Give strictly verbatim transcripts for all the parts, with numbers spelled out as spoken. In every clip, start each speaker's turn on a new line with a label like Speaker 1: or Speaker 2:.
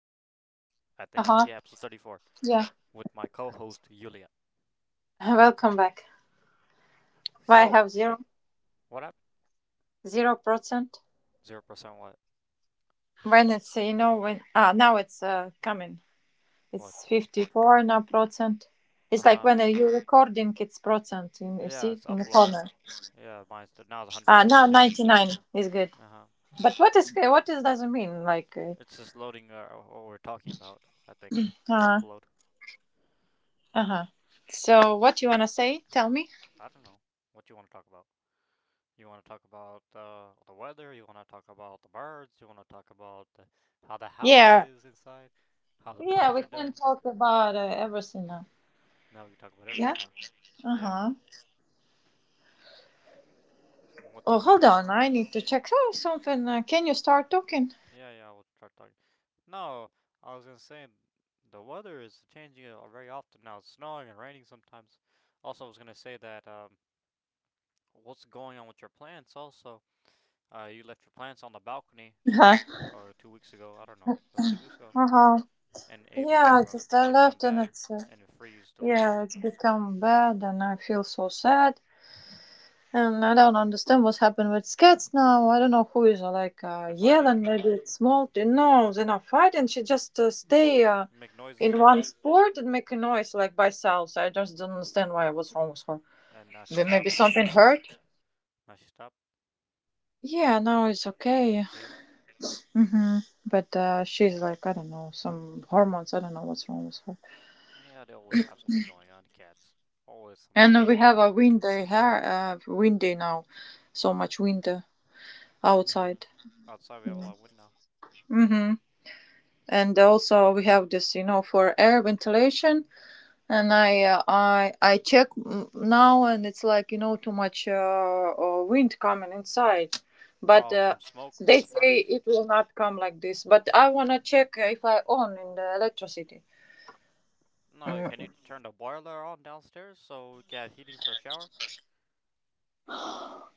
Speaker 1: thirty-four, I think. Yeah,
Speaker 2: Uh-huh.
Speaker 1: episode thirty-four
Speaker 2: Yeah.
Speaker 1: with my co host Yulia.
Speaker 2: Welcome back. Why I
Speaker 1: So,
Speaker 2: have zero
Speaker 1: what happened?
Speaker 2: zero percent?
Speaker 1: zero percent what?
Speaker 2: When it's uh, you know when ah now it's uh, coming. It's
Speaker 1: What?
Speaker 2: fifty four now percent.
Speaker 1: Uh
Speaker 2: It's like
Speaker 1: huh.
Speaker 2: when uh, you're recording, it's percent. In, you
Speaker 1: Yeah,
Speaker 2: see
Speaker 1: it's
Speaker 2: in the
Speaker 1: uploading.
Speaker 2: corner.
Speaker 1: Yeah, mine's now it's one hundred
Speaker 2: Ah
Speaker 1: for me
Speaker 2: now
Speaker 1: too.
Speaker 2: ninety nine is good.
Speaker 1: Uh huh.
Speaker 2: But what is what is doesn't mean like? Uh
Speaker 1: It's just loading, uh, what we're talking about, I think. The upload.
Speaker 2: uh
Speaker 1: hmm
Speaker 2: huh. So what you wanna say? Tell me.
Speaker 1: I don't know. What do you want to talk about? You want to talk about uh, the weather? You want to talk about the birds? You want to talk about uh, how the house
Speaker 2: Yeah.
Speaker 1: is inside? How the
Speaker 2: Yeah,
Speaker 1: plants
Speaker 2: we
Speaker 1: are
Speaker 2: can
Speaker 1: doing?
Speaker 2: talk about uh, everything now.
Speaker 1: Now we talk about
Speaker 2: Yeah.
Speaker 1: everything, huh?
Speaker 2: Uh
Speaker 1: Yeah.
Speaker 2: huh.
Speaker 1: What's
Speaker 2: Oh,
Speaker 1: going
Speaker 2: hold on.
Speaker 1: on?
Speaker 2: I need to check out something. Uh, can you start talking?
Speaker 1: Yeah, yeah, we'll start talking. No, I was gonna say the weather is changing uh, very often now. It's snowing and raining sometimes. Also, I was gonna say that um, what's going on with your plants? Also, uh, you left your plants on the balcony
Speaker 2: Uh
Speaker 1: like, uh, two weeks ago. I don't know. It was two weeks ago,
Speaker 2: huh.
Speaker 1: and it
Speaker 2: Yeah,
Speaker 1: become um,
Speaker 2: just I
Speaker 1: they become
Speaker 2: left and
Speaker 1: bad
Speaker 2: it's uh,
Speaker 1: and it freeze the
Speaker 2: yeah,
Speaker 1: leaves.
Speaker 2: it's become bad and I feel so sad and I don't understand what's happened with cats now. I don't know who is uh, like uh,
Speaker 1: They're fighting,
Speaker 2: yelling. Maybe it's Malty. No, they're not fighting. She just uh, stay uh,
Speaker 1: make noises
Speaker 2: in
Speaker 1: again,
Speaker 2: one spot and make a noise like by sounds. I just don't understand why what's wrong with her.
Speaker 1: and now she
Speaker 2: Maybe
Speaker 1: stopped. This
Speaker 2: something
Speaker 1: cat.
Speaker 2: hurt.
Speaker 1: Now she stopped.
Speaker 2: Yeah, now it's okay.
Speaker 1: Yeah.
Speaker 2: Hmm. But uh, she's like I don't know, some hormones. I don't know what's wrong with her.
Speaker 1: Yeah, they always have something going on. Cats always some
Speaker 2: And we
Speaker 1: some
Speaker 2: have a
Speaker 1: issue.
Speaker 2: windy here, uh, windy now, so much wind uh, outside.
Speaker 1: Mm-hmm. Outside we have a lot of wind now.
Speaker 2: Mm-hmm. And also we have this, you know, for air ventilation. And I uh, I I check mm, now, and it's like you know too much uh, uh, wind coming inside. But
Speaker 1: Oh,
Speaker 2: uh,
Speaker 1: from smoke
Speaker 2: they
Speaker 1: from the
Speaker 2: say
Speaker 1: furnace.
Speaker 2: it will not come like this. But I wanna check if I own in the electricity.
Speaker 1: No, can
Speaker 2: Mm,
Speaker 1: you turn the boiler on downstairs so we get heating for a shower?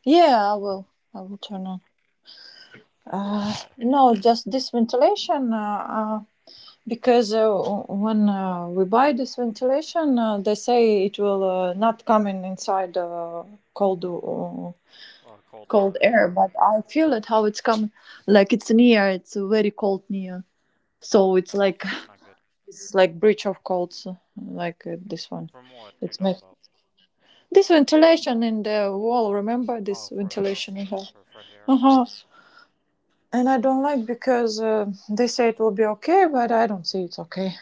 Speaker 2: Yeah, I will. I will
Speaker 1: Okay,
Speaker 2: turn on.
Speaker 1: because we need
Speaker 2: Uh,
Speaker 1: that
Speaker 2: no, just this ventilation. Uh, uh, because uh, when uh, we buy this ventilation, uh, they say it will uh, not come in inside uh, cold uh,
Speaker 1: uh, cold
Speaker 2: cold
Speaker 1: uh,
Speaker 2: air.
Speaker 1: air.
Speaker 2: But I feel it how it's coming. Like it's near. It's very cold near. So it's
Speaker 1: No,
Speaker 2: like
Speaker 1: it's not good.
Speaker 2: it's like breach of colds, like uh, this one.
Speaker 1: From what you
Speaker 2: It's
Speaker 1: talking
Speaker 2: make
Speaker 1: about?
Speaker 2: this ventilation in the wall. Remember
Speaker 1: Oh,
Speaker 2: this
Speaker 1: for the
Speaker 2: ventilation
Speaker 1: house,
Speaker 2: we have.
Speaker 1: for fresh air.
Speaker 2: Uh huh. And I don't like because uh, they say it will be okay, but I don't see it's okay.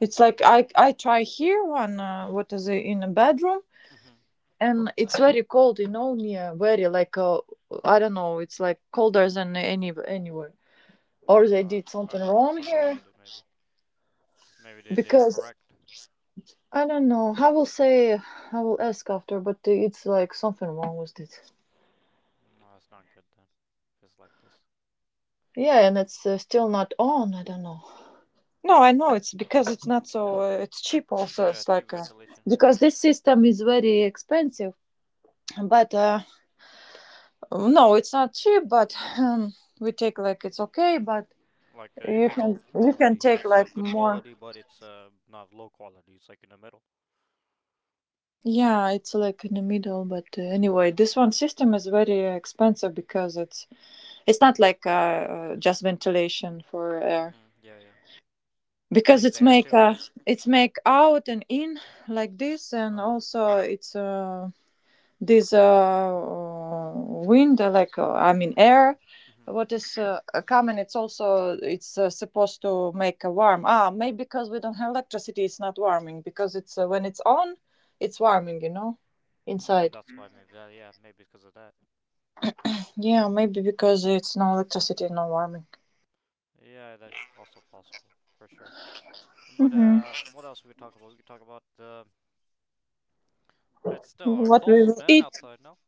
Speaker 2: It's like
Speaker 1: Mm.
Speaker 2: I I try here one uh, what is it in a bedroom,
Speaker 1: Mm-hmm.
Speaker 2: and it's very cold. You know, near very like uh, I don't know. It's like colder than any anywhere. Or
Speaker 1: So
Speaker 2: they
Speaker 1: I,
Speaker 2: did
Speaker 1: I
Speaker 2: something
Speaker 1: don't know. There's
Speaker 2: wrong
Speaker 1: something wrong
Speaker 2: here
Speaker 1: with it. Maybe. Maybe they didn't
Speaker 2: because
Speaker 1: correct.
Speaker 2: I don't know. I will say I will ask after, but it's like something wrong with it.
Speaker 1: No, it's not good then. If it's like this.
Speaker 2: Yeah, and it's uh, still not on. I don't know. No, I
Speaker 1: The,
Speaker 2: know it's because it's not so. Uh, it's cheap also.
Speaker 1: yeah,
Speaker 2: It's
Speaker 1: cheap
Speaker 2: like uh,
Speaker 1: ventilation.
Speaker 2: because this system is very expensive. But uh, no, it's not cheap. But um, we take like it's okay. But
Speaker 1: Like uh,
Speaker 2: you can
Speaker 1: middle
Speaker 2: you can
Speaker 1: quality,
Speaker 2: take
Speaker 1: not so
Speaker 2: like
Speaker 1: good
Speaker 2: more.
Speaker 1: quality, but it's uh not low quality. It's like in the middle.
Speaker 2: Yeah, it's like in the middle. But uh, anyway, this one system is very expensive because it's it's not like uh, uh, just ventilation for air
Speaker 1: Mhm. Yeah, yeah. It
Speaker 2: because
Speaker 1: cleans the
Speaker 2: it's
Speaker 1: air
Speaker 2: make
Speaker 1: too.
Speaker 2: uh,
Speaker 1: No.
Speaker 2: it's make out and in like this
Speaker 1: Uh
Speaker 2: and
Speaker 1: huh.
Speaker 2: also it's uh this uh, wind uh, like uh, I mean air
Speaker 1: Mhm.
Speaker 2: what is uh, uh, coming, it's also it's uh, supposed to make a warm. Ah, maybe because we don't have electricity, it's not warming because it's uh, when it's on it's warming, you know,
Speaker 1: No,
Speaker 2: inside.
Speaker 1: that's why maybe. Uh, yeah, maybe because of that.
Speaker 2: Yeah, maybe because it's no electricity no warming.
Speaker 1: Yeah, that's also possible for sure. But
Speaker 2: Hmm.
Speaker 1: uh, what else we could talk about? We could talk about uh, it's still uh,
Speaker 2: What we
Speaker 1: cold,
Speaker 2: will
Speaker 1: man,
Speaker 2: eat?
Speaker 1: outside. No.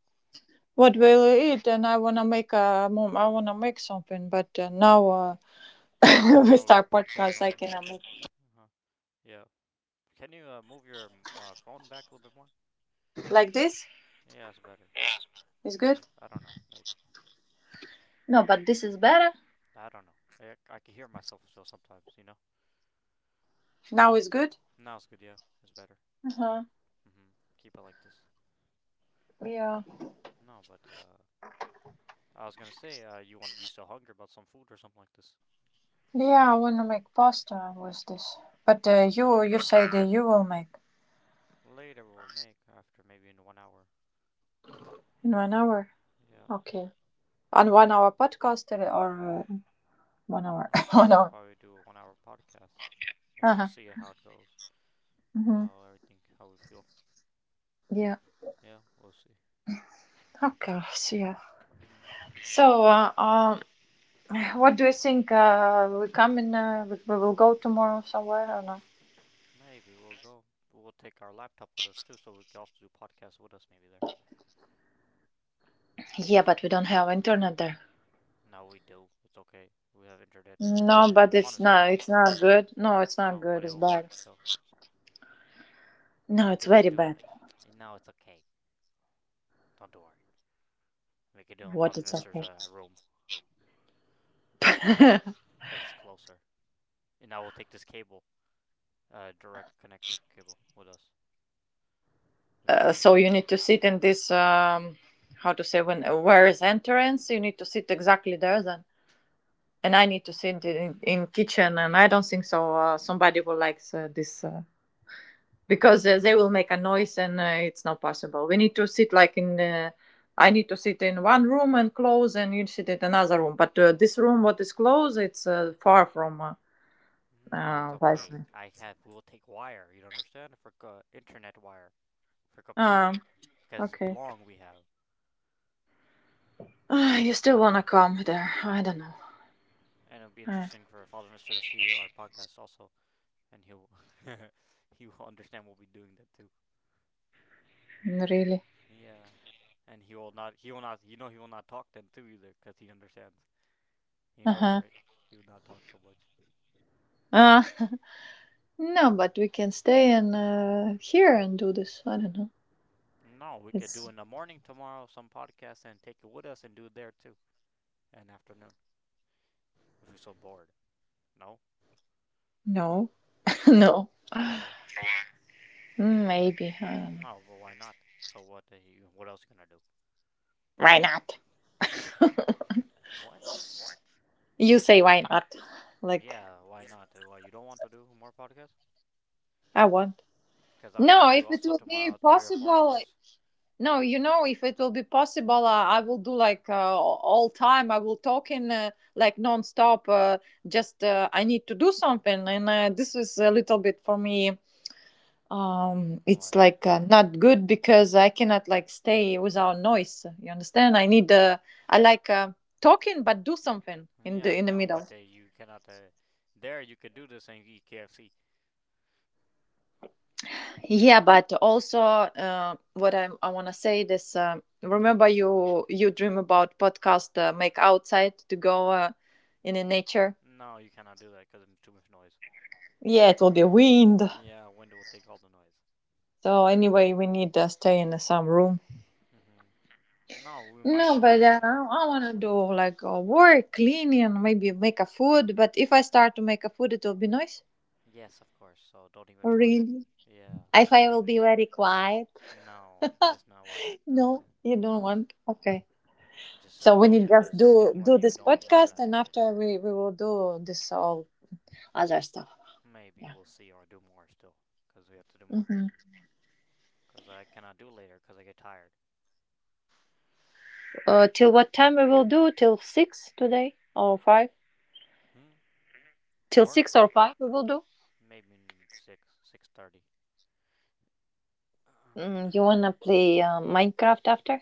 Speaker 2: What we
Speaker 1: What?
Speaker 2: will eat? And I want to make a mom, I want to make something, but uh, now uh, we
Speaker 1: No, we have
Speaker 2: start
Speaker 1: podcast
Speaker 2: podcast, I
Speaker 1: going.
Speaker 2: cannot
Speaker 1: Yes.
Speaker 2: make
Speaker 1: Uh huh. Yeah. Can you uh, move your um, uh, phone back a little bit more?
Speaker 2: like this
Speaker 1: Yeah, it's better.
Speaker 2: is good.
Speaker 1: Maybe I don't know. Maybe.
Speaker 2: No, but this is better.
Speaker 1: I don't know. I, I can hear myself still sometimes, you know?
Speaker 2: Now it's good.
Speaker 1: Now it's good, yeah. It's better. Yeah.
Speaker 2: Uh-huh.
Speaker 1: hmm Keep it like this.
Speaker 2: Yeah.
Speaker 1: No, but, uh, I was gonna say, uh, you want, you still hungry about some food or something like this?
Speaker 2: Yeah, I want to make pasta with this. But uh,
Speaker 1: What,
Speaker 2: you
Speaker 1: uh,
Speaker 2: you say that you will make.
Speaker 1: later we'll make after maybe in one hour.
Speaker 2: In one hour.
Speaker 1: Yeah.
Speaker 2: Okay. And one hour podcast uh, or uh, one hour
Speaker 1: No,
Speaker 2: one
Speaker 1: we'll
Speaker 2: hour.
Speaker 1: probably do a one hour podcast. Maybe we'll
Speaker 2: Uh-huh.
Speaker 1: see how it goes.
Speaker 2: Mm-hmm.
Speaker 1: How everything, how we feel.
Speaker 2: Yeah.
Speaker 1: Yeah, we'll see.
Speaker 2: Okay. So yeah.
Speaker 1: hmm
Speaker 2: So uh, um, what do you think? Uh, we come in. Uh, we, we will go tomorrow somewhere or not?
Speaker 1: Maybe we'll go. We'll take our laptop with us too, so we can also do podcasts with us maybe there.
Speaker 2: Yeah, but we don't have internet there.
Speaker 1: No, we do. It's okay. We have internet in
Speaker 2: No,
Speaker 1: a
Speaker 2: but it's not.
Speaker 1: monastery.
Speaker 2: It's not good. No, it's not
Speaker 1: No, but
Speaker 2: good.
Speaker 1: it
Speaker 2: It's
Speaker 1: will work
Speaker 2: bad.
Speaker 1: still.
Speaker 2: No,
Speaker 1: We
Speaker 2: it's
Speaker 1: could
Speaker 2: very
Speaker 1: just do it.
Speaker 2: bad.
Speaker 1: In, No, it's okay. Don't worry. We could do it in
Speaker 2: What,
Speaker 1: Father
Speaker 2: it's
Speaker 1: Nestor's
Speaker 2: okay.
Speaker 1: uh, room because it's closer. And now we will take this cable, uh, direct connecting cable with us. We could do
Speaker 2: Uh,
Speaker 1: it like
Speaker 2: so you
Speaker 1: this.
Speaker 2: need to sit in this um, how to say when where is entrance, you need to sit exactly there then, and I need to sit in, in kitchen and I don't think so uh, somebody will like uh, this uh, because uh, they will make a noise and uh, it's not possible, we need to sit like in uh, I need to sit in one room and close and you sit in another room but uh, this room what is closed it's uh, far from uh,
Speaker 1: No, it's
Speaker 2: uh,
Speaker 1: okay.
Speaker 2: wi-fi.
Speaker 1: I have. We will take wire. You don't understand for co- internet wire, for
Speaker 2: um,
Speaker 1: computer, because
Speaker 2: okay.
Speaker 1: long we have.
Speaker 2: Ah, you still wanna come there, I don't know.
Speaker 1: and it'll be
Speaker 2: Uh,
Speaker 1: interesting for Father Mister to see our podcast also, and he'll he will understand we'll be doing that too.
Speaker 2: really.
Speaker 1: Yeah, and he will not. He will not. You know, he will not talk then too either, cause he understands. You know that,
Speaker 2: Uh-huh.
Speaker 1: right? He will not talk so much.
Speaker 2: Uh, no, but we can stay in uh, here and do this. I don't know.
Speaker 1: No, we could do
Speaker 2: It's.
Speaker 1: in the morning tomorrow some podcast and take it with us and do it there too, and afternoon if we're so bored. No,
Speaker 2: No. No,
Speaker 1: why?
Speaker 2: maybe. I don't know.
Speaker 1: No, but why not? So what? uh, What else you gonna do?
Speaker 2: Why not?
Speaker 1: What?
Speaker 2: You say why not? Like.
Speaker 1: Yeah, why not? Why you don't want to do more podcasts?
Speaker 2: I want.
Speaker 1: because I want to
Speaker 2: No,
Speaker 1: do
Speaker 2: if it
Speaker 1: also
Speaker 2: will be
Speaker 1: tomorrow three or four
Speaker 2: possible.
Speaker 1: hours.
Speaker 2: No, you know, if it will be possible, uh, I will do like uh, all time. I will talk in uh, like nonstop. Uh, just uh, I need to do something, and uh, this is a little bit for me, um it's
Speaker 1: What?
Speaker 2: like uh, not good because I cannot like stay without noise, you understand, I need uh, I like uh, talking but do something in
Speaker 1: Yeah,
Speaker 2: the
Speaker 1: I
Speaker 2: in the
Speaker 1: know,
Speaker 2: middle.
Speaker 1: but uh, you cannot. Uh, there, you could do this and eat K F C.
Speaker 2: Yeah, but also uh, what i, I want to say this uh, remember
Speaker 1: What?
Speaker 2: you you dream about podcast uh, make outside to go uh, in the nature.
Speaker 1: No, you cannot do that because it's too much noise.
Speaker 2: Yeah, it will be wind,
Speaker 1: Yeah, window will take all the noise.
Speaker 2: so anyway we need to stay in some room.
Speaker 1: hmm No, we might
Speaker 2: No,
Speaker 1: take
Speaker 2: but
Speaker 1: it
Speaker 2: uh,
Speaker 1: tomorrow.
Speaker 2: I want to do like uh, work, cleaning, maybe make a food. But if I start to make a food, it will be noise.
Speaker 1: Yes, of course. So don't even try.
Speaker 2: Really?
Speaker 1: Yeah,
Speaker 2: If
Speaker 1: just
Speaker 2: I will
Speaker 1: leave
Speaker 2: be
Speaker 1: it.
Speaker 2: very quiet?
Speaker 1: No, it's not worth it.
Speaker 2: No, you don't
Speaker 1: No,
Speaker 2: want. Okay.
Speaker 1: just uh,
Speaker 2: So we
Speaker 1: don't
Speaker 2: need
Speaker 1: do
Speaker 2: just
Speaker 1: this. Uh, do
Speaker 2: do
Speaker 1: it when
Speaker 2: do
Speaker 1: you
Speaker 2: this
Speaker 1: don't when we're
Speaker 2: podcast,
Speaker 1: not
Speaker 2: and
Speaker 1: doing
Speaker 2: after
Speaker 1: this.
Speaker 2: we we will do this all other stuff.
Speaker 1: Maybe
Speaker 2: Yeah.
Speaker 1: we'll see or do more still. Cause we have to do more.
Speaker 2: Hmm.
Speaker 1: 'Cause I cannot do later 'cause I get tired.
Speaker 2: Uh, till what time we will do? Till six today or five?
Speaker 1: Hmm?
Speaker 2: Till six
Speaker 1: Work?
Speaker 2: or five we will do.
Speaker 1: Maybe six, six thirty.
Speaker 2: Mm, you wanna play uh, Minecraft after?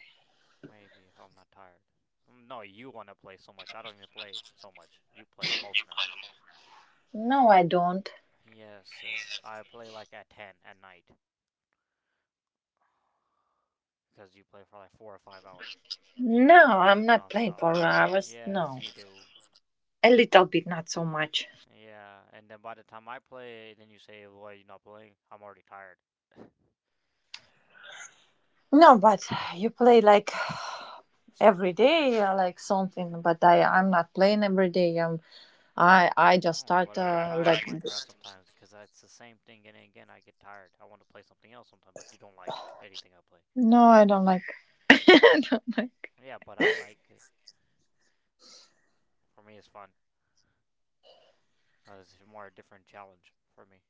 Speaker 1: Maybe, if I'm not tired. Um, No, you want to play so much. I don't even play so much. You play the most now.
Speaker 2: No, I don't.
Speaker 1: Yes, uh, I play like at ten at night. Because you play for like four or five hours.
Speaker 2: No, I'm not playing
Speaker 1: Non-stop.
Speaker 2: for hours.
Speaker 1: Yes,
Speaker 2: No,
Speaker 1: you do.
Speaker 2: a little bit, not so much.
Speaker 1: Yeah, and then by the time I play, then you say, why are you not playing? I'm already tired.
Speaker 2: No, but you play like every day, uh, like something. But I, I'm not playing every day. Um, I, I just
Speaker 1: No,
Speaker 2: start
Speaker 1: but I get
Speaker 2: uh,
Speaker 1: tired of
Speaker 2: like.
Speaker 1: Minecraft sometimes because it's the same thing and again. I get tired. I want to play something else sometimes, but you don't like anything I play.
Speaker 2: No, I don't like. I don't like.
Speaker 1: Yeah, but I like it. For me, it's fun. Fun. 'Cause it's more a different challenge for me.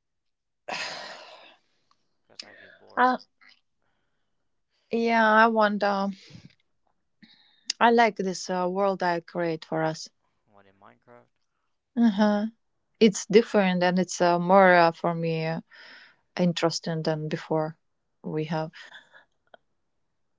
Speaker 1: Because I get bored.
Speaker 2: Uh, yeah, I want. Um, I like this uh, world I create for us.
Speaker 1: What in Minecraft?
Speaker 2: Uh huh. It's different and it's uh, more uh, for me uh, interesting than before. We
Speaker 1: hmm
Speaker 2: have.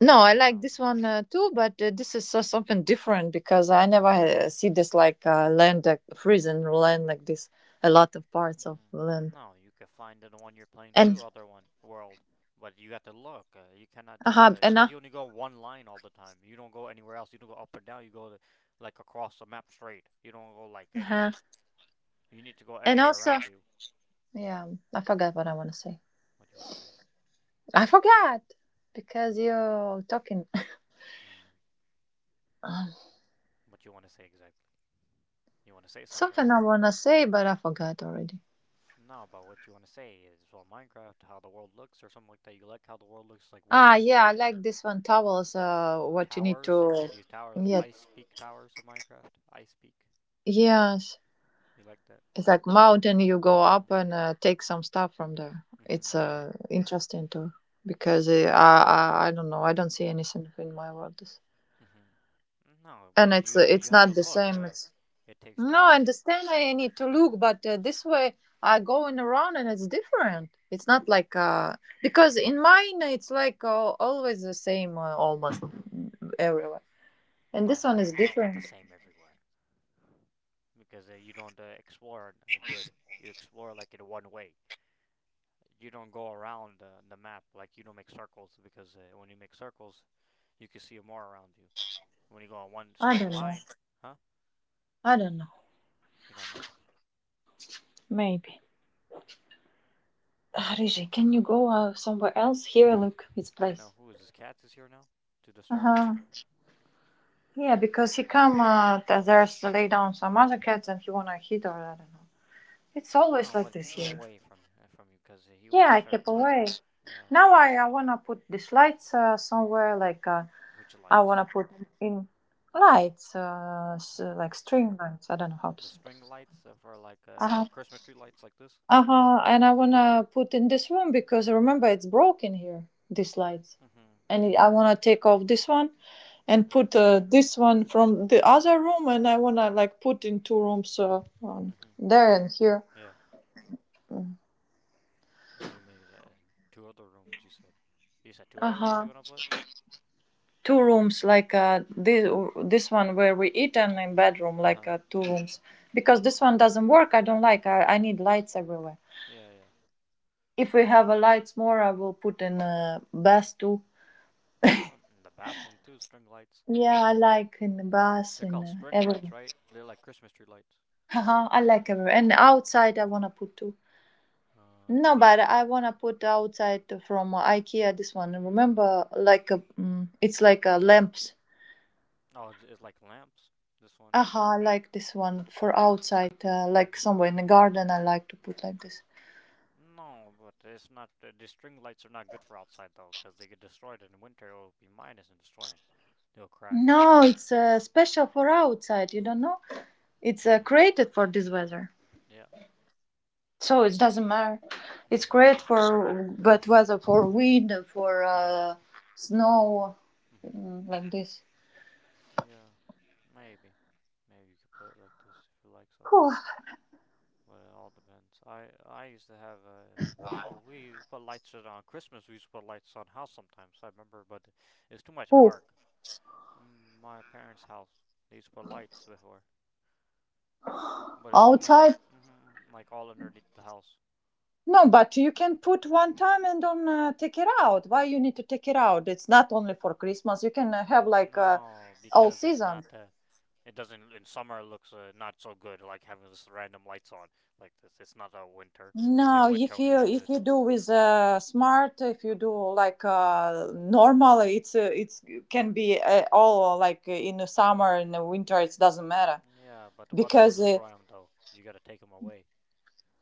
Speaker 2: No, I
Speaker 1: Yeah.
Speaker 2: like this
Speaker 1: Um,
Speaker 2: one uh, too, but uh, this is uh, something different because I never uh, see this like uh, land, like frozen land like this. A lot of parts of
Speaker 1: hmm
Speaker 2: land,
Speaker 1: No, you can find it on your plane too,
Speaker 2: and
Speaker 1: other one world. But you got to look. Uh, you cannot
Speaker 2: uh
Speaker 1: just
Speaker 2: huh,
Speaker 1: say
Speaker 2: and uh,
Speaker 1: because you only go one line all the time. You don't go anywhere else. You don't go up and down. You go like across the map straight. You don't go like
Speaker 2: uh
Speaker 1: anywhere. You need to go
Speaker 2: and
Speaker 1: everywhere
Speaker 2: also,
Speaker 1: around you.
Speaker 2: yeah, I forgot what I want to say.
Speaker 1: What do you want to say?
Speaker 2: I forgot because you're talking.
Speaker 1: Hmm.
Speaker 2: Um,
Speaker 1: What you want to say exactly? You want to say something,
Speaker 2: something
Speaker 1: right?
Speaker 2: I want to say, but I forgot already.
Speaker 1: No, but what you want to say is, well, Minecraft, how the world looks, or something like that. You like how the world looks like
Speaker 2: Ah,
Speaker 1: winter
Speaker 2: yeah, I like this one. Towels, uh, what you need
Speaker 1: towers.
Speaker 2: to,
Speaker 1: These towers,
Speaker 2: yeah,
Speaker 1: ice peak towers in Minecraft. Ice peak.
Speaker 2: yes,
Speaker 1: You like that?
Speaker 2: it's like mountain you go up
Speaker 1: Mhm.
Speaker 2: and uh, take some stuff from there. It's
Speaker 1: Mhm. Yeah.
Speaker 2: uh, interesting too because uh, I, I I don't know, I don't see anything in my world.
Speaker 1: Mhm. No,
Speaker 2: And
Speaker 1: but
Speaker 2: it's
Speaker 1: you
Speaker 2: uh,
Speaker 1: don't. You
Speaker 2: it's
Speaker 1: have to
Speaker 2: not the
Speaker 1: look.
Speaker 2: same.
Speaker 1: Uh,
Speaker 2: It's
Speaker 1: it takes
Speaker 2: no, I
Speaker 1: time.
Speaker 2: understand. I need to look, but uh, this way I going around and it's different. It's not like uh, because in mine it's like uh, always the same uh, almost mm, everywhere, and
Speaker 1: No,
Speaker 2: this
Speaker 1: it's
Speaker 2: one is
Speaker 1: not. It's not the
Speaker 2: different.
Speaker 1: same everywhere because uh, you don't uh, explore uh, good. You explore like in one way. You don't go around uh, the map. Like you don't make circles because uh, when you make circles, you can see more around you. When you go on one
Speaker 2: I
Speaker 1: straight
Speaker 2: don't know.
Speaker 1: line, huh?
Speaker 2: I don't know.
Speaker 1: You don't know.
Speaker 2: Maybe. Ah, Riji, can you go uh, somewhere else? Here, look, it's
Speaker 1: Can't know
Speaker 2: place.
Speaker 1: who is this. Cats is here now to
Speaker 2: Uh
Speaker 1: disturb.
Speaker 2: huh. Yeah, because he come uh, th- there's lay down some other cats and he wanna hit or I don't know. It's always
Speaker 1: No,
Speaker 2: like
Speaker 1: but
Speaker 2: this
Speaker 1: keep him
Speaker 2: here.
Speaker 1: away from uh, from you because he will
Speaker 2: Yeah, I
Speaker 1: disturb.
Speaker 2: kept away.
Speaker 1: Yeah.
Speaker 2: Now I, I wanna put these lights uh, somewhere like uh,
Speaker 1: Which
Speaker 2: I
Speaker 1: lights?
Speaker 2: wanna put in lights uh, s-
Speaker 1: For
Speaker 2: like
Speaker 1: what?
Speaker 2: string lights. I don't know how to
Speaker 1: The
Speaker 2: say
Speaker 1: string
Speaker 2: this.
Speaker 1: lights uh, for like
Speaker 2: Uh
Speaker 1: uh
Speaker 2: huh.
Speaker 1: like Christmas tree lights like this.
Speaker 2: Uh huh. And I wanna put in this room because remember it's broken here. These lights,
Speaker 1: Mhm.
Speaker 2: and I wanna take off this one and
Speaker 1: Mhm.
Speaker 2: put uh, this one from the other room and I wanna like put in two rooms uh, um,
Speaker 1: Mhm.
Speaker 2: there and here.
Speaker 1: Yeah. You made uh, two other rooms. You said. You said two other rooms you
Speaker 2: Uh-huh.
Speaker 1: wanna put.
Speaker 2: Two rooms like uh this this one where we eat and in bedroom
Speaker 1: Uh
Speaker 2: like
Speaker 1: huh.
Speaker 2: uh, two rooms because this one doesn't work. I don't like. I, I need lights everywhere.
Speaker 1: Yeah, yeah.
Speaker 2: If we have a lights more, I will put in a bath too.
Speaker 1: Oh, and the bathroom too. String lights.
Speaker 2: Yeah, I like in the bath
Speaker 1: They're
Speaker 2: and
Speaker 1: called
Speaker 2: uh,
Speaker 1: string lights,
Speaker 2: everywhere.
Speaker 1: right? They're like Christmas tree lights.
Speaker 2: Uh-huh. I like everywhere and outside I wanna put two.
Speaker 1: Uh.
Speaker 2: No, but I wanna put outside from IKEA this one. Remember, like a, mm, it's like a lamps.
Speaker 1: Oh, it's it's like lamps. This one.
Speaker 2: Aha, I like this one for outside, uh, like
Speaker 1: Mhm.
Speaker 2: somewhere in the garden. I like to put like this.
Speaker 1: No, but it's not. Uh, the string lights are not good for outside though, because they get destroyed in winter. It will be minus and destroy them. They'll crack.
Speaker 2: No, it's uh, special for outside. You don't know? It's uh,
Speaker 1: hmm
Speaker 2: created for this weather,
Speaker 1: Yeah.
Speaker 2: so it doesn't matter.
Speaker 1: It
Speaker 2: It's
Speaker 1: doesn't
Speaker 2: great
Speaker 1: matter.
Speaker 2: for bad weather, for wind, for
Speaker 1: Uh huh.
Speaker 2: uh, snow,
Speaker 1: hmm
Speaker 2: mm, like this.
Speaker 1: Yeah. Maybe. Maybe you could play it like this if you like so much.
Speaker 2: Whew.
Speaker 1: But it all depends. I I used to have a no. We put lights on Christmas. We used to put lights on house sometimes. I remember, but it's too much
Speaker 2: Whew.
Speaker 1: work. Mm, My parents' house. They used to put lights before. But it's too much,
Speaker 2: Outside.
Speaker 1: hmm like all underneath the house.
Speaker 2: No, but you can put one time and don't uh, take it out. Why you need to take it out? It's not only for Christmas. You can uh, have like uh,
Speaker 1: No,
Speaker 2: all
Speaker 1: because it's
Speaker 2: season.
Speaker 1: not. Uh, it doesn't. In summer, it looks uh, not so good. Like having this random lights on like this. It's not a winter. In
Speaker 2: No,
Speaker 1: winter,
Speaker 2: if
Speaker 1: only
Speaker 2: you
Speaker 1: looks
Speaker 2: if
Speaker 1: good.
Speaker 2: you do with uh, smart, if you do like uh, normal, it's uh, it's can be uh, all like in the summer in the winter. It doesn't matter
Speaker 1: Yeah, but the weather will
Speaker 2: because uh,
Speaker 1: destroy them though. You gotta take them away.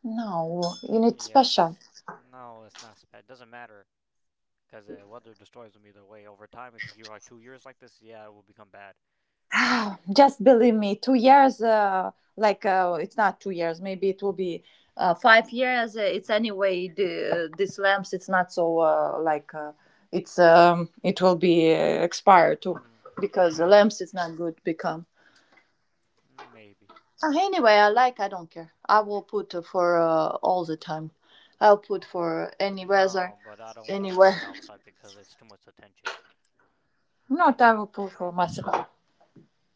Speaker 2: no, you need special.
Speaker 1: Yes. No, it's not. Sp- it doesn't matter because uh, weather destroys them either way. Over time, if you keep like two years like this, yeah, it will become bad.
Speaker 2: Ah, just believe me, two years, uh, like uh, it's not two years, maybe it will be uh, five years. Uh, It's
Speaker 1: Mhm.
Speaker 2: anyway, the, these lamps, it's not so uh, like uh, it's um, it will be uh, expired too
Speaker 1: Mhm.
Speaker 2: because the
Speaker 1: Maybe.
Speaker 2: lamps it's not good become.
Speaker 1: Maybe.
Speaker 2: Uh, anyway, I like, I don't care. I will put uh, for uh, all the time. I'll put for any weather,
Speaker 1: No, but I don't want to put
Speaker 2: anywhere.
Speaker 1: it outside because it's too much attention. I
Speaker 2: Not
Speaker 1: don't.
Speaker 2: I will put for myself.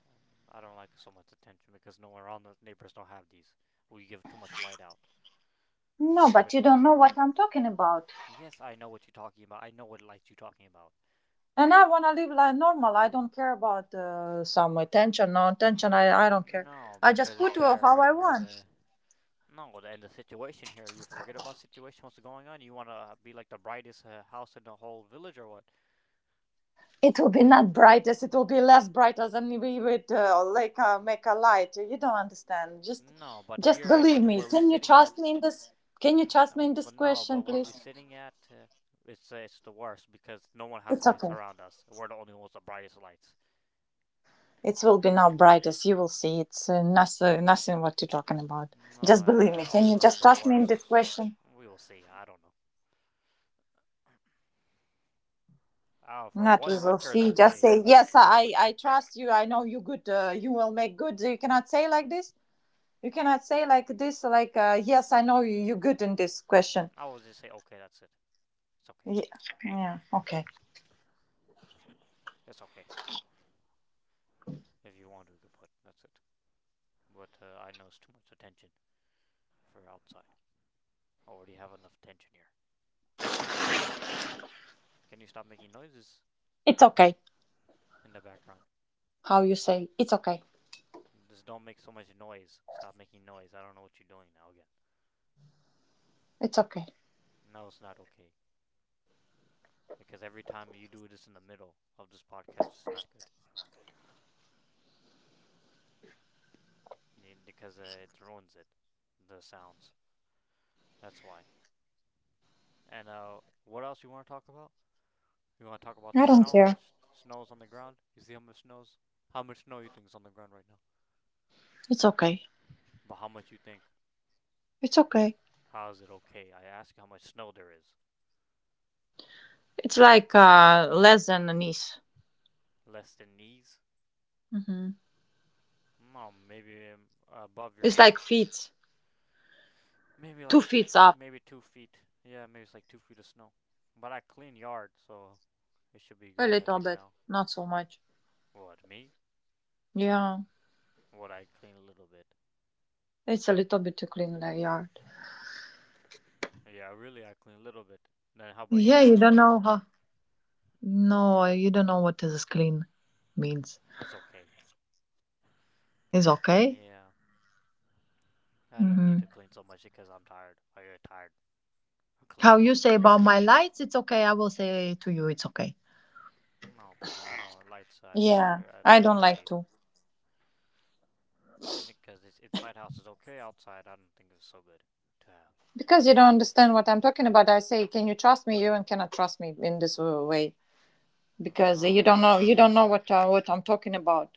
Speaker 1: Um, I don't like so much attention because no one around the neighbors don't have these. We give too much light out. It's
Speaker 2: No,
Speaker 1: too
Speaker 2: but you
Speaker 1: much.
Speaker 2: don't know what I'm talking about.
Speaker 1: Yes, I know what you're talking about. I know what light you're talking about.
Speaker 2: And I want to live like normal. I don't care about uh, some attention, no attention. I, I don't care.
Speaker 1: No,
Speaker 2: I just
Speaker 1: because it's
Speaker 2: put uh, how
Speaker 1: better.
Speaker 2: I
Speaker 1: And
Speaker 2: want.
Speaker 1: uh, No, the- and the situation here. You forget about situation. What's going on? You want to be like the brightest uh, house in the whole village or what?
Speaker 2: It will be not brightest. It will be less bright as and we would uh, like uh, make a light. You don't understand. Just,
Speaker 1: No, but
Speaker 2: just
Speaker 1: here
Speaker 2: believe
Speaker 1: and
Speaker 2: me.
Speaker 1: where we're
Speaker 2: Can you
Speaker 1: sitting
Speaker 2: trust
Speaker 1: at,
Speaker 2: me in this? Can you
Speaker 1: N-
Speaker 2: trust me in
Speaker 1: um,
Speaker 2: this
Speaker 1: but no,
Speaker 2: question,
Speaker 1: but where we're
Speaker 2: please?
Speaker 1: sitting at, uh, it's uh, it's the worst because no one has
Speaker 2: It's
Speaker 1: lights
Speaker 2: okay.
Speaker 1: around us. We're the only ones with the brightest lights.
Speaker 2: It will be not brightest. You will see. It's uh, nothing, nothing. What you're talking about.
Speaker 1: No,
Speaker 2: Just
Speaker 1: and
Speaker 2: believe me.
Speaker 1: uh,
Speaker 2: Can you
Speaker 1: also it's
Speaker 2: just
Speaker 1: the uh,
Speaker 2: trust me in this
Speaker 1: worst.
Speaker 2: question?
Speaker 1: We will see. I don't know. Oh, for
Speaker 2: Not we
Speaker 1: one
Speaker 2: will
Speaker 1: winter is
Speaker 2: see. Just
Speaker 1: okay.
Speaker 2: say yes.
Speaker 1: For
Speaker 2: I I
Speaker 1: winter,
Speaker 2: trust you. I know you good. Uh, you will make good. You cannot say like this. You cannot say like this. Like uh, yes, I know you. You good in this question.
Speaker 1: I will just say okay. That's it. It's okay.
Speaker 2: Yeah. Yeah. Okay.
Speaker 1: It's okay. If you want to, you can put. That's it. But uh, I know it's too much attention for outside. I already have enough tension here. Can you stop making noises
Speaker 2: It's okay.
Speaker 1: in the background?
Speaker 2: How you say? It's okay.
Speaker 1: Just don't make so much noise. Stop making noise. I don't know what you're doing now again.
Speaker 2: It's okay.
Speaker 1: No, it's not okay. Because every time you do this in the middle of this podcast, it's not good. Because uh, it ruins it, the sounds. That's why. And uh, what else you want to talk about? You want to talk about
Speaker 2: I
Speaker 1: the
Speaker 2: don't
Speaker 1: snow? How
Speaker 2: care.
Speaker 1: much snow is on the ground? You see how much snow's? How much snow you think is on the ground right now?
Speaker 2: It's okay.
Speaker 1: But how much you think?
Speaker 2: It's okay.
Speaker 1: How is it okay? I ask you how much snow there is.
Speaker 2: It's like uh, less than a niece.
Speaker 1: Less than knees?
Speaker 2: Hmm.
Speaker 1: No, maybe um, above
Speaker 2: It's
Speaker 1: your uh,
Speaker 2: like feet.
Speaker 1: maybe
Speaker 2: Two
Speaker 1: like
Speaker 2: feet up.
Speaker 1: maybe two feet. Yeah, maybe it's like two feet of snow. But I clean yard, so it should be
Speaker 2: A
Speaker 1: good. I
Speaker 2: little
Speaker 1: think
Speaker 2: bit.
Speaker 1: now.
Speaker 2: Not so much.
Speaker 1: What me?
Speaker 2: Yeah.
Speaker 1: What I clean a little bit.
Speaker 2: It's a little bit to clean the yard.
Speaker 1: Yeah, really, I clean a little bit. Then how about you
Speaker 2: Yeah, you
Speaker 1: try it
Speaker 2: don't know
Speaker 1: next?
Speaker 2: how. No, you don't know what is clean means.
Speaker 1: It's okay.
Speaker 2: It's okay.
Speaker 1: Yeah, I don't need
Speaker 2: Hmm.
Speaker 1: to clean so much because I'm tired. I get tired of
Speaker 2: How
Speaker 1: cleaning. How
Speaker 2: you
Speaker 1: much?
Speaker 2: say about my lights, it's okay. I will say to you, it's okay.
Speaker 1: No, but I don't lights. I
Speaker 2: Yeah,
Speaker 1: under. I,
Speaker 2: I
Speaker 1: you
Speaker 2: don't
Speaker 1: don't
Speaker 2: like
Speaker 1: need
Speaker 2: to.
Speaker 1: because it's inside house is okay. Outside, I don't think it's so good to have.
Speaker 2: Because you don't understand what I'm talking about, I say, can you trust me? You and cannot trust me in this uh, way
Speaker 1: Uh,
Speaker 2: because you
Speaker 1: No,
Speaker 2: don't
Speaker 1: it's
Speaker 2: know
Speaker 1: too
Speaker 2: you don't
Speaker 1: much.
Speaker 2: know
Speaker 1: Uh,
Speaker 2: what uh, what I'm talking about.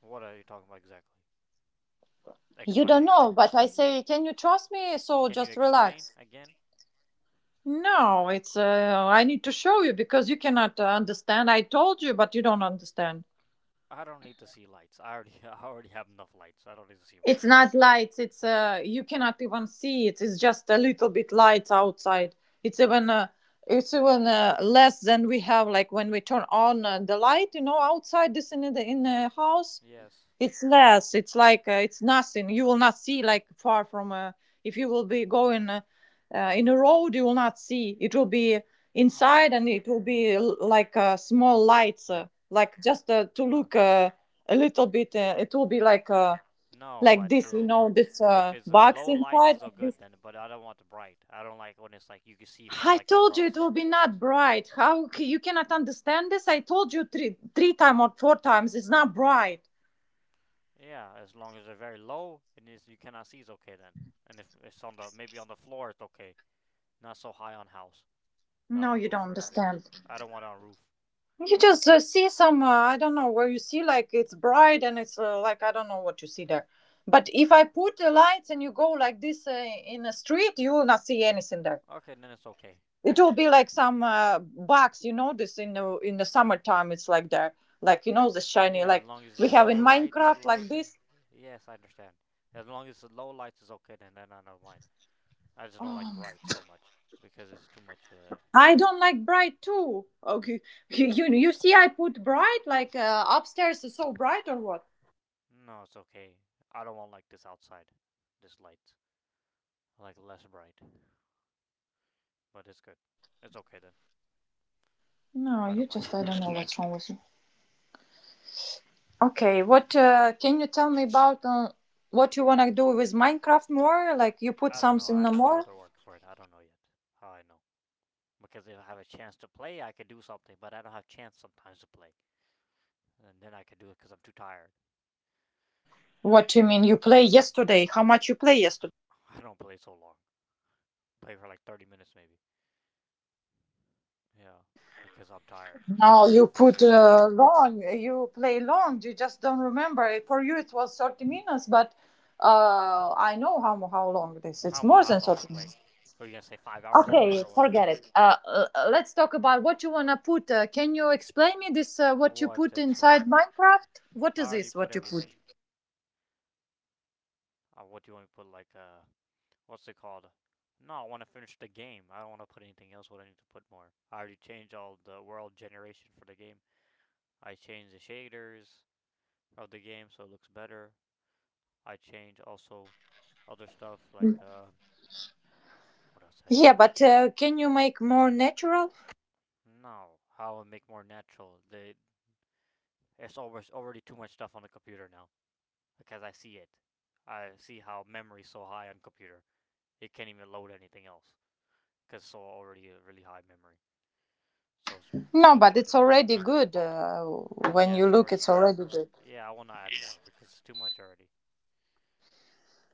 Speaker 1: What are you talking about exactly?
Speaker 2: You
Speaker 1: Explain
Speaker 2: don't know,
Speaker 1: again.
Speaker 2: but I say, can you trust me? So
Speaker 1: Can you
Speaker 2: just
Speaker 1: explain
Speaker 2: relax.
Speaker 1: again?
Speaker 2: No, it's uh, I need to show you because you cannot uh, understand. I told you, but you don't understand.
Speaker 1: I don't need to see lights. I already I already have enough lights. I don't need to see
Speaker 2: It's
Speaker 1: more.
Speaker 2: not lights. It's uh, you cannot even see it. It's just a little bit lights outside. It's even uh, it's even uh, less than we have. Like when we turn on uh, the light, you know, outside this in the in the house,
Speaker 1: Yes.
Speaker 2: it's less. It's like uh, it's nothing. You will not see like far from. Uh, if you will be going uh, uh, in a road, you will not see. It will be inside,
Speaker 1: Mhm.
Speaker 2: and it will be
Speaker 1: Mhm.
Speaker 2: l- like uh, small lights, uh,
Speaker 1: Yep.
Speaker 2: like just uh, to
Speaker 1: Uh-huh.
Speaker 2: look uh, a little bit. Uh, it will be
Speaker 1: Yep.
Speaker 2: like. Uh,
Speaker 1: No,
Speaker 2: like
Speaker 1: but
Speaker 2: this, you
Speaker 1: uh,
Speaker 2: know, this uh,
Speaker 1: if it's a
Speaker 2: box
Speaker 1: low lights
Speaker 2: inside,
Speaker 1: is all
Speaker 2: like this.
Speaker 1: good then, but I don't want the bright. I don't like when it's like you can see from
Speaker 2: I
Speaker 1: like
Speaker 2: told you it
Speaker 1: across.
Speaker 2: will be not bright. How c- you cannot understand this? I told you three, three times or four times. It's not bright.
Speaker 1: Yeah, as long as they're very low and is you cannot see is okay then. And if it's on the maybe on the floor it's okay. Not so high on house, not
Speaker 2: No,
Speaker 1: on
Speaker 2: you don't
Speaker 1: roof or anything.
Speaker 2: understand.
Speaker 1: I don't want it on roof.
Speaker 2: You just uh, see some, uh, I don't know, where you see like it's bright and it's uh, like, I don't know what you see there. But if I put the lights and you go like this uh, in a street, you will not see anything there.
Speaker 1: Okay, then it's okay.
Speaker 2: It will be like some uh, bugs you know, this in the in the summertime it's like there like you know the shiny
Speaker 1: Yeah, as
Speaker 2: like
Speaker 1: long
Speaker 2: we
Speaker 1: as
Speaker 2: have
Speaker 1: low
Speaker 2: in
Speaker 1: lights,
Speaker 2: Minecraft like
Speaker 1: light. Uh,
Speaker 2: this.
Speaker 1: yes, I understand. As long as the low lights is okay, then then I don't mind. I just don't like
Speaker 2: Oh,
Speaker 1: bright so much because it's too much. Uh,
Speaker 2: I don't like bright too. Okay. You, you you see I put bright like uh, upstairs is so bright or what?
Speaker 1: no, it's okay. I don't want like this outside, this light. I like less bright, but it's good. It's okay then.
Speaker 2: No,
Speaker 1: I
Speaker 2: you
Speaker 1: don't
Speaker 2: just,
Speaker 1: mind.
Speaker 2: I don't know what's wrong with you. Okay, what uh, can you tell me about uh, what you want to do with Minecraft more, like you put
Speaker 1: I don't know. I
Speaker 2: something, no
Speaker 1: have to do
Speaker 2: more?
Speaker 1: other work for it. I don't know yet how I know. Because if I have a chance to play, I could do something, but I don't have chance sometimes to play. And then I could do it because I'm too tired.
Speaker 2: What do you mean you play yesterday? How much you play yesterday?
Speaker 1: I don't play so long. Play for like thirty minutes maybe. Yeah, because I'm tired and I
Speaker 2: No,
Speaker 1: have to
Speaker 2: you
Speaker 1: fix
Speaker 2: put
Speaker 1: it again.
Speaker 2: uh, long. You play long. You just don't remember. it. For you, it was thirty minutes, but uh, I know how how long it is. It's
Speaker 1: How
Speaker 2: more
Speaker 1: about how
Speaker 2: than
Speaker 1: long I
Speaker 2: thirty
Speaker 1: play?
Speaker 2: minutes.
Speaker 1: Are you gonna say five hours I played
Speaker 2: Okay,
Speaker 1: or what?
Speaker 2: forget it. Uh, uh, uh, let's talk about what you wanna put. Uh, can you explain me this? Uh, what you
Speaker 1: What to
Speaker 2: put inside
Speaker 1: explain?
Speaker 2: Minecraft? What
Speaker 1: I
Speaker 2: is
Speaker 1: already
Speaker 2: this?
Speaker 1: put
Speaker 2: What you put?
Speaker 1: everything. Uh, what do you want me to put like uh, what's it called? No, I want to finish the game. I don't want to put anything else. What I need to put more. I already changed all the world generation for the game. I changed the shaders of the game so it looks better. I changed also other stuff like uh, what else did I
Speaker 2: Yeah,
Speaker 1: change?
Speaker 2: but uh, can you make more natural?
Speaker 1: No, how I make more natural. They, it's always already too much stuff on the computer now because I see it. I see how memory's so high on computer, it can't even load anything else because it's so already a really high memory, so it's, it's
Speaker 2: No, but
Speaker 1: more
Speaker 2: it's
Speaker 1: difficult.
Speaker 2: already good. Uh, when
Speaker 1: Yeah,
Speaker 2: you
Speaker 1: it's
Speaker 2: look,
Speaker 1: already
Speaker 2: it's
Speaker 1: good.
Speaker 2: already good.
Speaker 1: Yeah, I want to add more because it's too much already.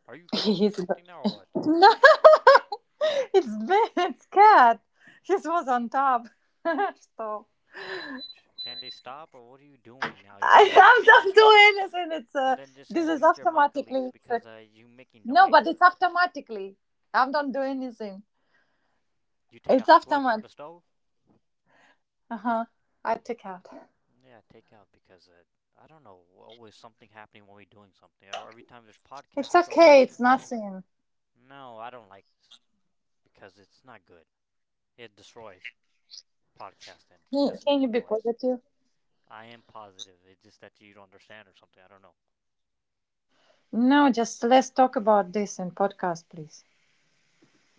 Speaker 1: Are you cooking
Speaker 2: It's good.
Speaker 1: something now or what?
Speaker 2: It's Ben's cat. His was on top. So.
Speaker 1: Strange. Can they stop or what are you doing now? You gonna
Speaker 2: I
Speaker 1: make this
Speaker 2: am not
Speaker 1: noise?
Speaker 2: doing anything. It's uh,
Speaker 1: Then just
Speaker 2: This
Speaker 1: uh,
Speaker 2: is
Speaker 1: mute your mic at
Speaker 2: automatically.
Speaker 1: least
Speaker 2: It's uh,
Speaker 1: because uh, you making
Speaker 2: No, but
Speaker 1: noise.
Speaker 2: it's automatically. I'm not doing anything.
Speaker 1: You take
Speaker 2: It's
Speaker 1: out the plug for the
Speaker 2: automatic.
Speaker 1: stove?
Speaker 2: Uh huh. I took out.
Speaker 1: Yeah, take out because uh, I don't know. Always something happening when we're doing something. Or every time there's
Speaker 2: It's
Speaker 1: podcasts, it's
Speaker 2: okay.
Speaker 1: always
Speaker 2: It's nothing.
Speaker 1: no. I don't like this because it's not good. It destroys podcasting because it's
Speaker 2: Can you
Speaker 1: making
Speaker 2: be
Speaker 1: noise.
Speaker 2: positive?
Speaker 1: I am positive. It's just that you don't understand or something. I don't know.
Speaker 2: No, just let's talk about this in podcast, please.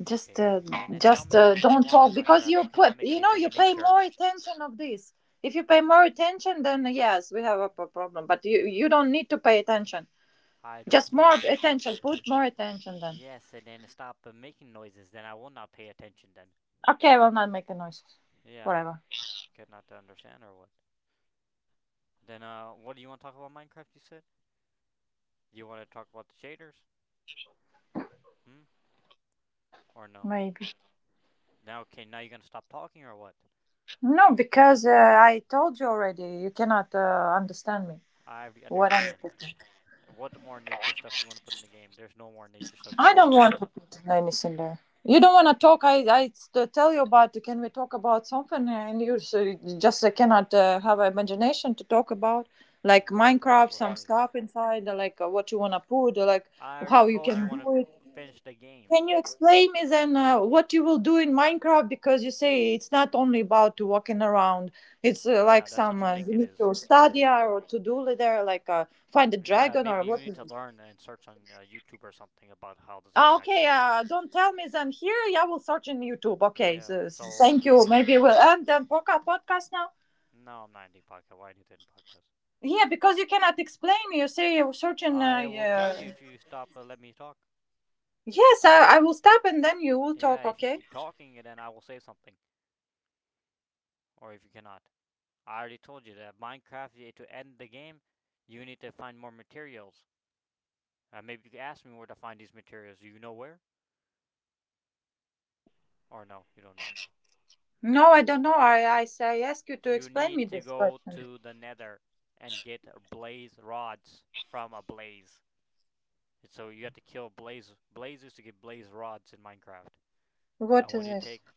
Speaker 2: Just,
Speaker 1: Okay.
Speaker 2: uh,
Speaker 1: Then uh, tell
Speaker 2: just
Speaker 1: me
Speaker 2: uh,
Speaker 1: what you
Speaker 2: Don't
Speaker 1: want
Speaker 2: talk
Speaker 1: in
Speaker 2: because
Speaker 1: Minecraft.
Speaker 2: you
Speaker 1: You
Speaker 2: put,
Speaker 1: cannot make
Speaker 2: you know,
Speaker 1: anything
Speaker 2: you
Speaker 1: in
Speaker 2: pay
Speaker 1: nature.
Speaker 2: more attention of this. If you pay more attention, then uh, yes, we have a p- problem. But you, you don't need to pay attention.
Speaker 1: I don't
Speaker 2: Just
Speaker 1: pay
Speaker 2: more
Speaker 1: attention.
Speaker 2: attention. Put more attention then.
Speaker 1: Yes, and then stop uh, making noises. Then I will not pay attention. Then.
Speaker 2: Okay, I will not make a noise
Speaker 1: Yeah.
Speaker 2: forever.
Speaker 1: Could not to understand or what? Then, uh, what do you want to talk about Minecraft? You said do you want to talk about the shaders, hmm, or no?
Speaker 2: Maybe
Speaker 1: Now, okay, now you're gonna stop talking or what?
Speaker 2: no, because uh, I told you already. You cannot uh, understand me.
Speaker 1: I already
Speaker 2: What I'm.
Speaker 1: understand. What more nature stuff you want to put in the game? There's no more nature stuff to
Speaker 2: I
Speaker 1: put.
Speaker 2: don't
Speaker 1: What?
Speaker 2: want to put Linus in there. You don't want to talk. I I st- tell you about. Can we talk about something? And you so you just uh, cannot uh, have imagination to talk about, like
Speaker 1: What am I
Speaker 2: Minecraft,
Speaker 1: supposed to
Speaker 2: some
Speaker 1: say?
Speaker 2: stuff inside, uh, like uh, what you wanna put, uh, like
Speaker 1: I already
Speaker 2: how you
Speaker 1: told
Speaker 2: can
Speaker 1: you you want
Speaker 2: do it.
Speaker 1: to finish the game.
Speaker 2: Can you explain me then uh, what you will do in Minecraft? Because you say it's not only about walking around. It's uh,
Speaker 1: Yeah,
Speaker 2: like
Speaker 1: that's what
Speaker 2: some
Speaker 1: you
Speaker 2: uh,
Speaker 1: think
Speaker 2: you
Speaker 1: it
Speaker 2: need
Speaker 1: is.
Speaker 2: to
Speaker 1: That's why.
Speaker 2: study or to do there, like uh, find a
Speaker 1: Yeah,
Speaker 2: dragon or
Speaker 1: maybe you
Speaker 2: what.
Speaker 1: need to learn and search on uh, YouTube or something about how this
Speaker 2: Ah,
Speaker 1: game actually
Speaker 2: okay,
Speaker 1: is.
Speaker 2: uh, don't tell me them here. Yeah, we'll search in YouTube. Okay,
Speaker 1: Yeah.
Speaker 2: so, so
Speaker 1: So
Speaker 2: thank you.
Speaker 1: maybe
Speaker 2: Maybe we'll end the podca- podcast now.
Speaker 1: no, I'm not ending podcast. Why do you end podcast?
Speaker 2: Yeah, because you cannot explain. You say you search in. Uh,
Speaker 1: I will tell
Speaker 2: yeah.
Speaker 1: you if you stop uh, let me talk.
Speaker 2: Yes, I, I will stop and then you will
Speaker 1: Yeah,
Speaker 2: talk.
Speaker 1: if you
Speaker 2: Okay.
Speaker 1: keep talking, then I will say something. Or if you cannot. I already told you that Minecraft, uh, to end the game, you need to find more materials. Uh, maybe you could ask me where to find these materials. Do you know where? Or no, you don't know.
Speaker 2: No, I don't know. I I, s- I ask you to
Speaker 1: You
Speaker 2: explain me
Speaker 1: need to
Speaker 2: this
Speaker 1: go
Speaker 2: question.
Speaker 1: to the nether and get blaze rods from a blaze. So you have to kill blaze blazes to get blaze rods in Minecraft. And
Speaker 2: What
Speaker 1: when
Speaker 2: is
Speaker 1: you
Speaker 2: this?
Speaker 1: take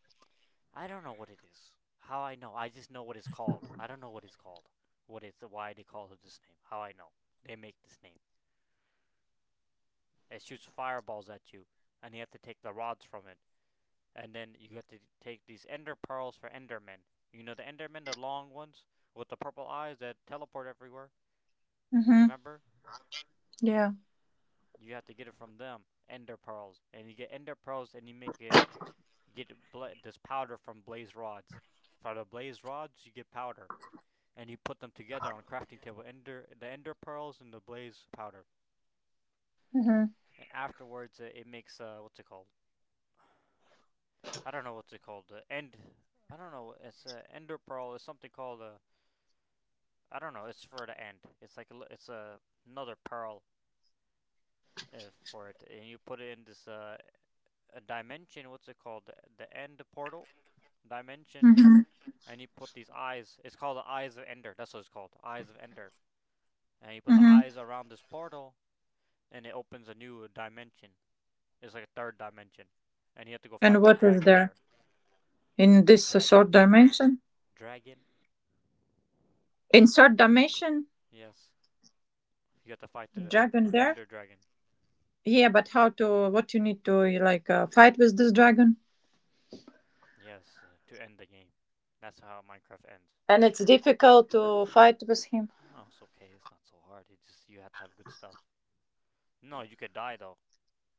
Speaker 1: I don't know what it is. How I know? I just know what it's called. I don't know what it's called. What it's why they call it this name. How I know? They make this name. It shoots fireballs at you, and you have to take the rods from it, and then you have to take these ender pearls for endermen. You know the endermen, the long ones with the purple eyes that teleport everywhere.
Speaker 2: Mm-hmm.
Speaker 1: Remember?
Speaker 2: Yeah.
Speaker 1: You have to get it from them. Ender pearls, and you get ender pearls, and you make a you get bla- this powder from blaze rods. From the blaze rods, you get powder and you put them together on a crafting table. Ender, the ender pearls and the blaze powder.
Speaker 2: Mm-hmm.
Speaker 1: And afterwards, it, it makes uh, what's it called? I don't know what's it called. The end. I don't know. It's a ender pearl. It's something called a. I don't know. It's for the end. It's like a, it's a another pearl uh, for it, and you put it in this uh, a dimension. What's it called? The, the end portal dimension,
Speaker 2: Mm-hmm.
Speaker 1: and you put these eyes. It's called the eyes of Ender. That's what it's called. Eyes of Ender, and you put the
Speaker 2: Mm-hmm.
Speaker 1: eyes around this portal, and it opens a new dimension. It's like a third dimension, and you have to go
Speaker 2: And
Speaker 1: fight the
Speaker 2: what is
Speaker 1: dragon
Speaker 2: there
Speaker 1: there.
Speaker 2: in
Speaker 1: The
Speaker 2: this uh, third
Speaker 1: dragon,
Speaker 2: dimension?
Speaker 1: dragon,
Speaker 2: In third dimension,
Speaker 1: yes. You have to fight the
Speaker 2: dragon there.
Speaker 1: Ender Dragon,
Speaker 2: Yeah, but how to? What you need to like uh, fight with this dragon?
Speaker 1: yes, uh, to end the game. That's how Minecraft ends
Speaker 2: And it's
Speaker 1: from there.
Speaker 2: difficult to fight with him.
Speaker 1: No, it's okay. It's not so hard. It just you have to have good stuff. No, you could die though,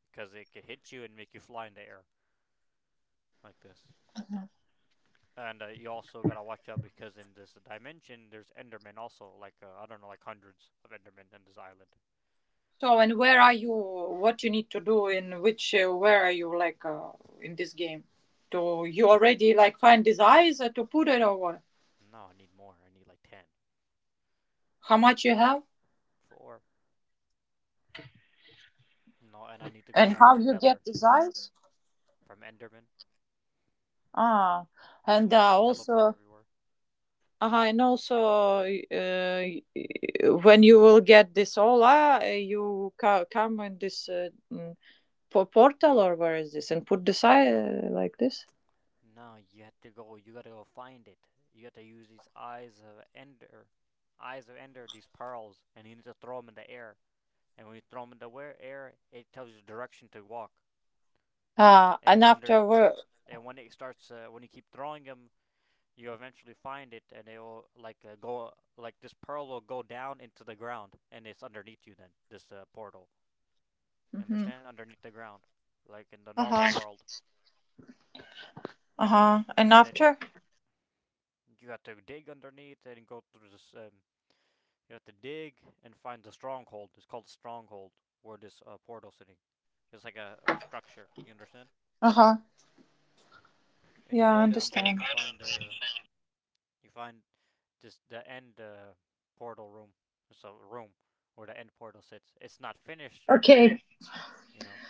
Speaker 1: because it could hit you and make you fly in the air like this. And uh, you also gotta watch out because in this dimension there's Endermen also, like uh, I don't know, like hundreds of Endermen in this island.
Speaker 2: So, and where are you? What you need to do in which? Uh, where are you like uh, in this game? To you already like find these eyes uh, to put it or what?
Speaker 1: No, I need more. I need like ten,
Speaker 2: How much you have
Speaker 1: four. No, and I need to go
Speaker 2: and
Speaker 1: back
Speaker 2: how
Speaker 1: to
Speaker 2: you get
Speaker 1: Nether
Speaker 2: these eyes?
Speaker 1: from Enderman.
Speaker 2: Ah,
Speaker 1: These
Speaker 2: and
Speaker 1: ones
Speaker 2: uh,
Speaker 1: that teleport
Speaker 2: also.
Speaker 1: everywhere.
Speaker 2: Uh, and also, uh, when you will get this all, uh, you ca- come in this uh, mm, for portal or where is this? And put the side like this.
Speaker 1: No, you have to go. You gotta go find it. You have to use these eyes of Ender, eyes of Ender, these pearls, and you need to throw them in the air. And when you throw them in the air, it tells you the direction to walk.
Speaker 2: Uh,
Speaker 1: And
Speaker 2: and
Speaker 1: it's under.
Speaker 2: after where?
Speaker 1: And when it starts, uh, when you keep throwing them, you eventually find it, and it will like uh, go like this pearl will go down into the ground, and it's underneath you then. This uh, portal,
Speaker 2: Mm-hmm.
Speaker 1: understand? Underneath the ground, like in the
Speaker 2: Uh
Speaker 1: normal
Speaker 2: huh.
Speaker 1: world.
Speaker 2: Uh huh. And
Speaker 1: And then
Speaker 2: after?
Speaker 1: you have to dig underneath and go through this. Um, you have to dig and find the stronghold. It's called stronghold where this uh, portal sitting. It's like a, a structure. You understand?
Speaker 2: Uh huh.
Speaker 1: And you
Speaker 2: Yeah, I
Speaker 1: go down there and
Speaker 2: understand.
Speaker 1: you find uh you find this the end uh, portal room. It's a room where the end portal sits. It's not finished.
Speaker 2: Okay.
Speaker 1: You know.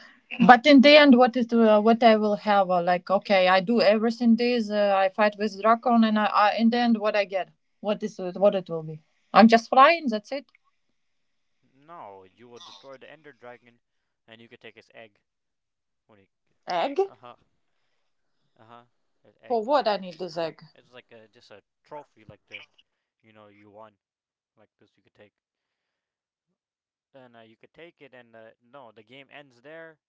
Speaker 2: But in the end, what is the, uh, what I will have? Uh, like, okay, I do everything this. Uh, I fight with Dracon, and I, I in the end, what I get? What is it, what it will be? I'm just flying. That's it.
Speaker 1: No, you will destroy the Ender Dragon, and you could take his egg when he.
Speaker 2: Egg?
Speaker 1: Uh huh. Uh huh. His
Speaker 2: For
Speaker 1: egg.
Speaker 2: what I need this egg?
Speaker 1: It's like a, just a trophy, like the, you know, you won. Like this you could take and uh, you could take it and uh, no the game ends there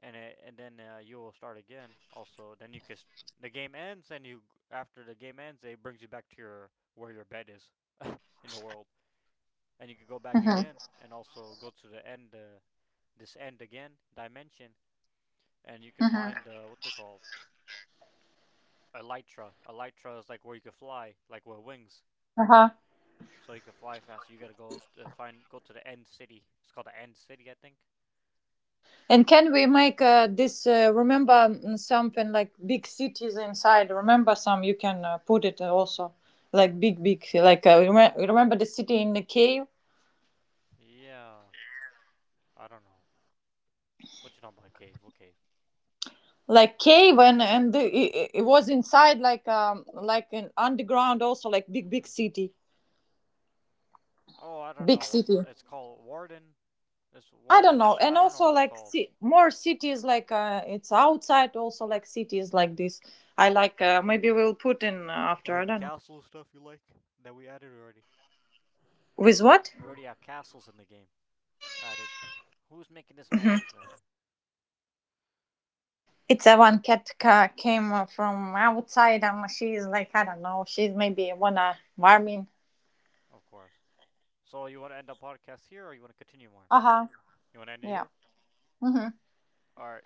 Speaker 1: and it, and then uh, you will start again also then you can the game ends and you after the game ends it brings you back to your where your bed is in the world and you could go back
Speaker 2: Uh huh.
Speaker 1: again and also go to the end uh, this end again dimension and you can find uh, what's it called elytra elytra is like where you can fly like with wings
Speaker 2: Uh huh.
Speaker 1: so you can fly fast you gotta go uh, find go to the end city it's called the end city I think.
Speaker 2: And can we make uh, this? Uh, remember mm, something like big cities inside. Remember some. You can uh, put it also like big, big. Like uh, reme- remember the city in the cave,
Speaker 1: Yeah. I don't know. What you talking about? Cave? What cave?
Speaker 2: like cave, and and the, it, it was inside like um like an underground also like big, big
Speaker 1: Hmm.
Speaker 2: city,
Speaker 1: Oh, I don't
Speaker 2: big
Speaker 1: know what the,
Speaker 2: city.
Speaker 1: it's called. Warden. It's
Speaker 2: I don't know.
Speaker 1: Warden's. I
Speaker 2: And
Speaker 1: don't know
Speaker 2: also
Speaker 1: what it's
Speaker 2: like
Speaker 1: called.
Speaker 2: ci- more cities like uh, it's outside also like cities like this. I like uh, maybe we'll put in uh, after. I
Speaker 1: Like the
Speaker 2: don't know
Speaker 1: castle stuff you like that we added already.
Speaker 2: with what.
Speaker 1: We already have castles in the game. Added. Who's making this noise? Uh,
Speaker 2: It's a one cat ca- came uh, from outside and she's like, I don't know, she's maybe wanna warming.
Speaker 1: of course. So you want to end the podcast here, or you want to continue more?
Speaker 2: Uh huh.
Speaker 1: You want to end it
Speaker 2: Yeah.
Speaker 1: here?
Speaker 2: Hmm.
Speaker 1: All right.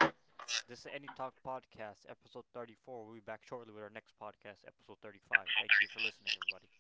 Speaker 1: This is Any Talk Podcast, episode thirty-four. We'll be back shortly with our next podcast, episode thirty-five. Thank you for listening, everybody.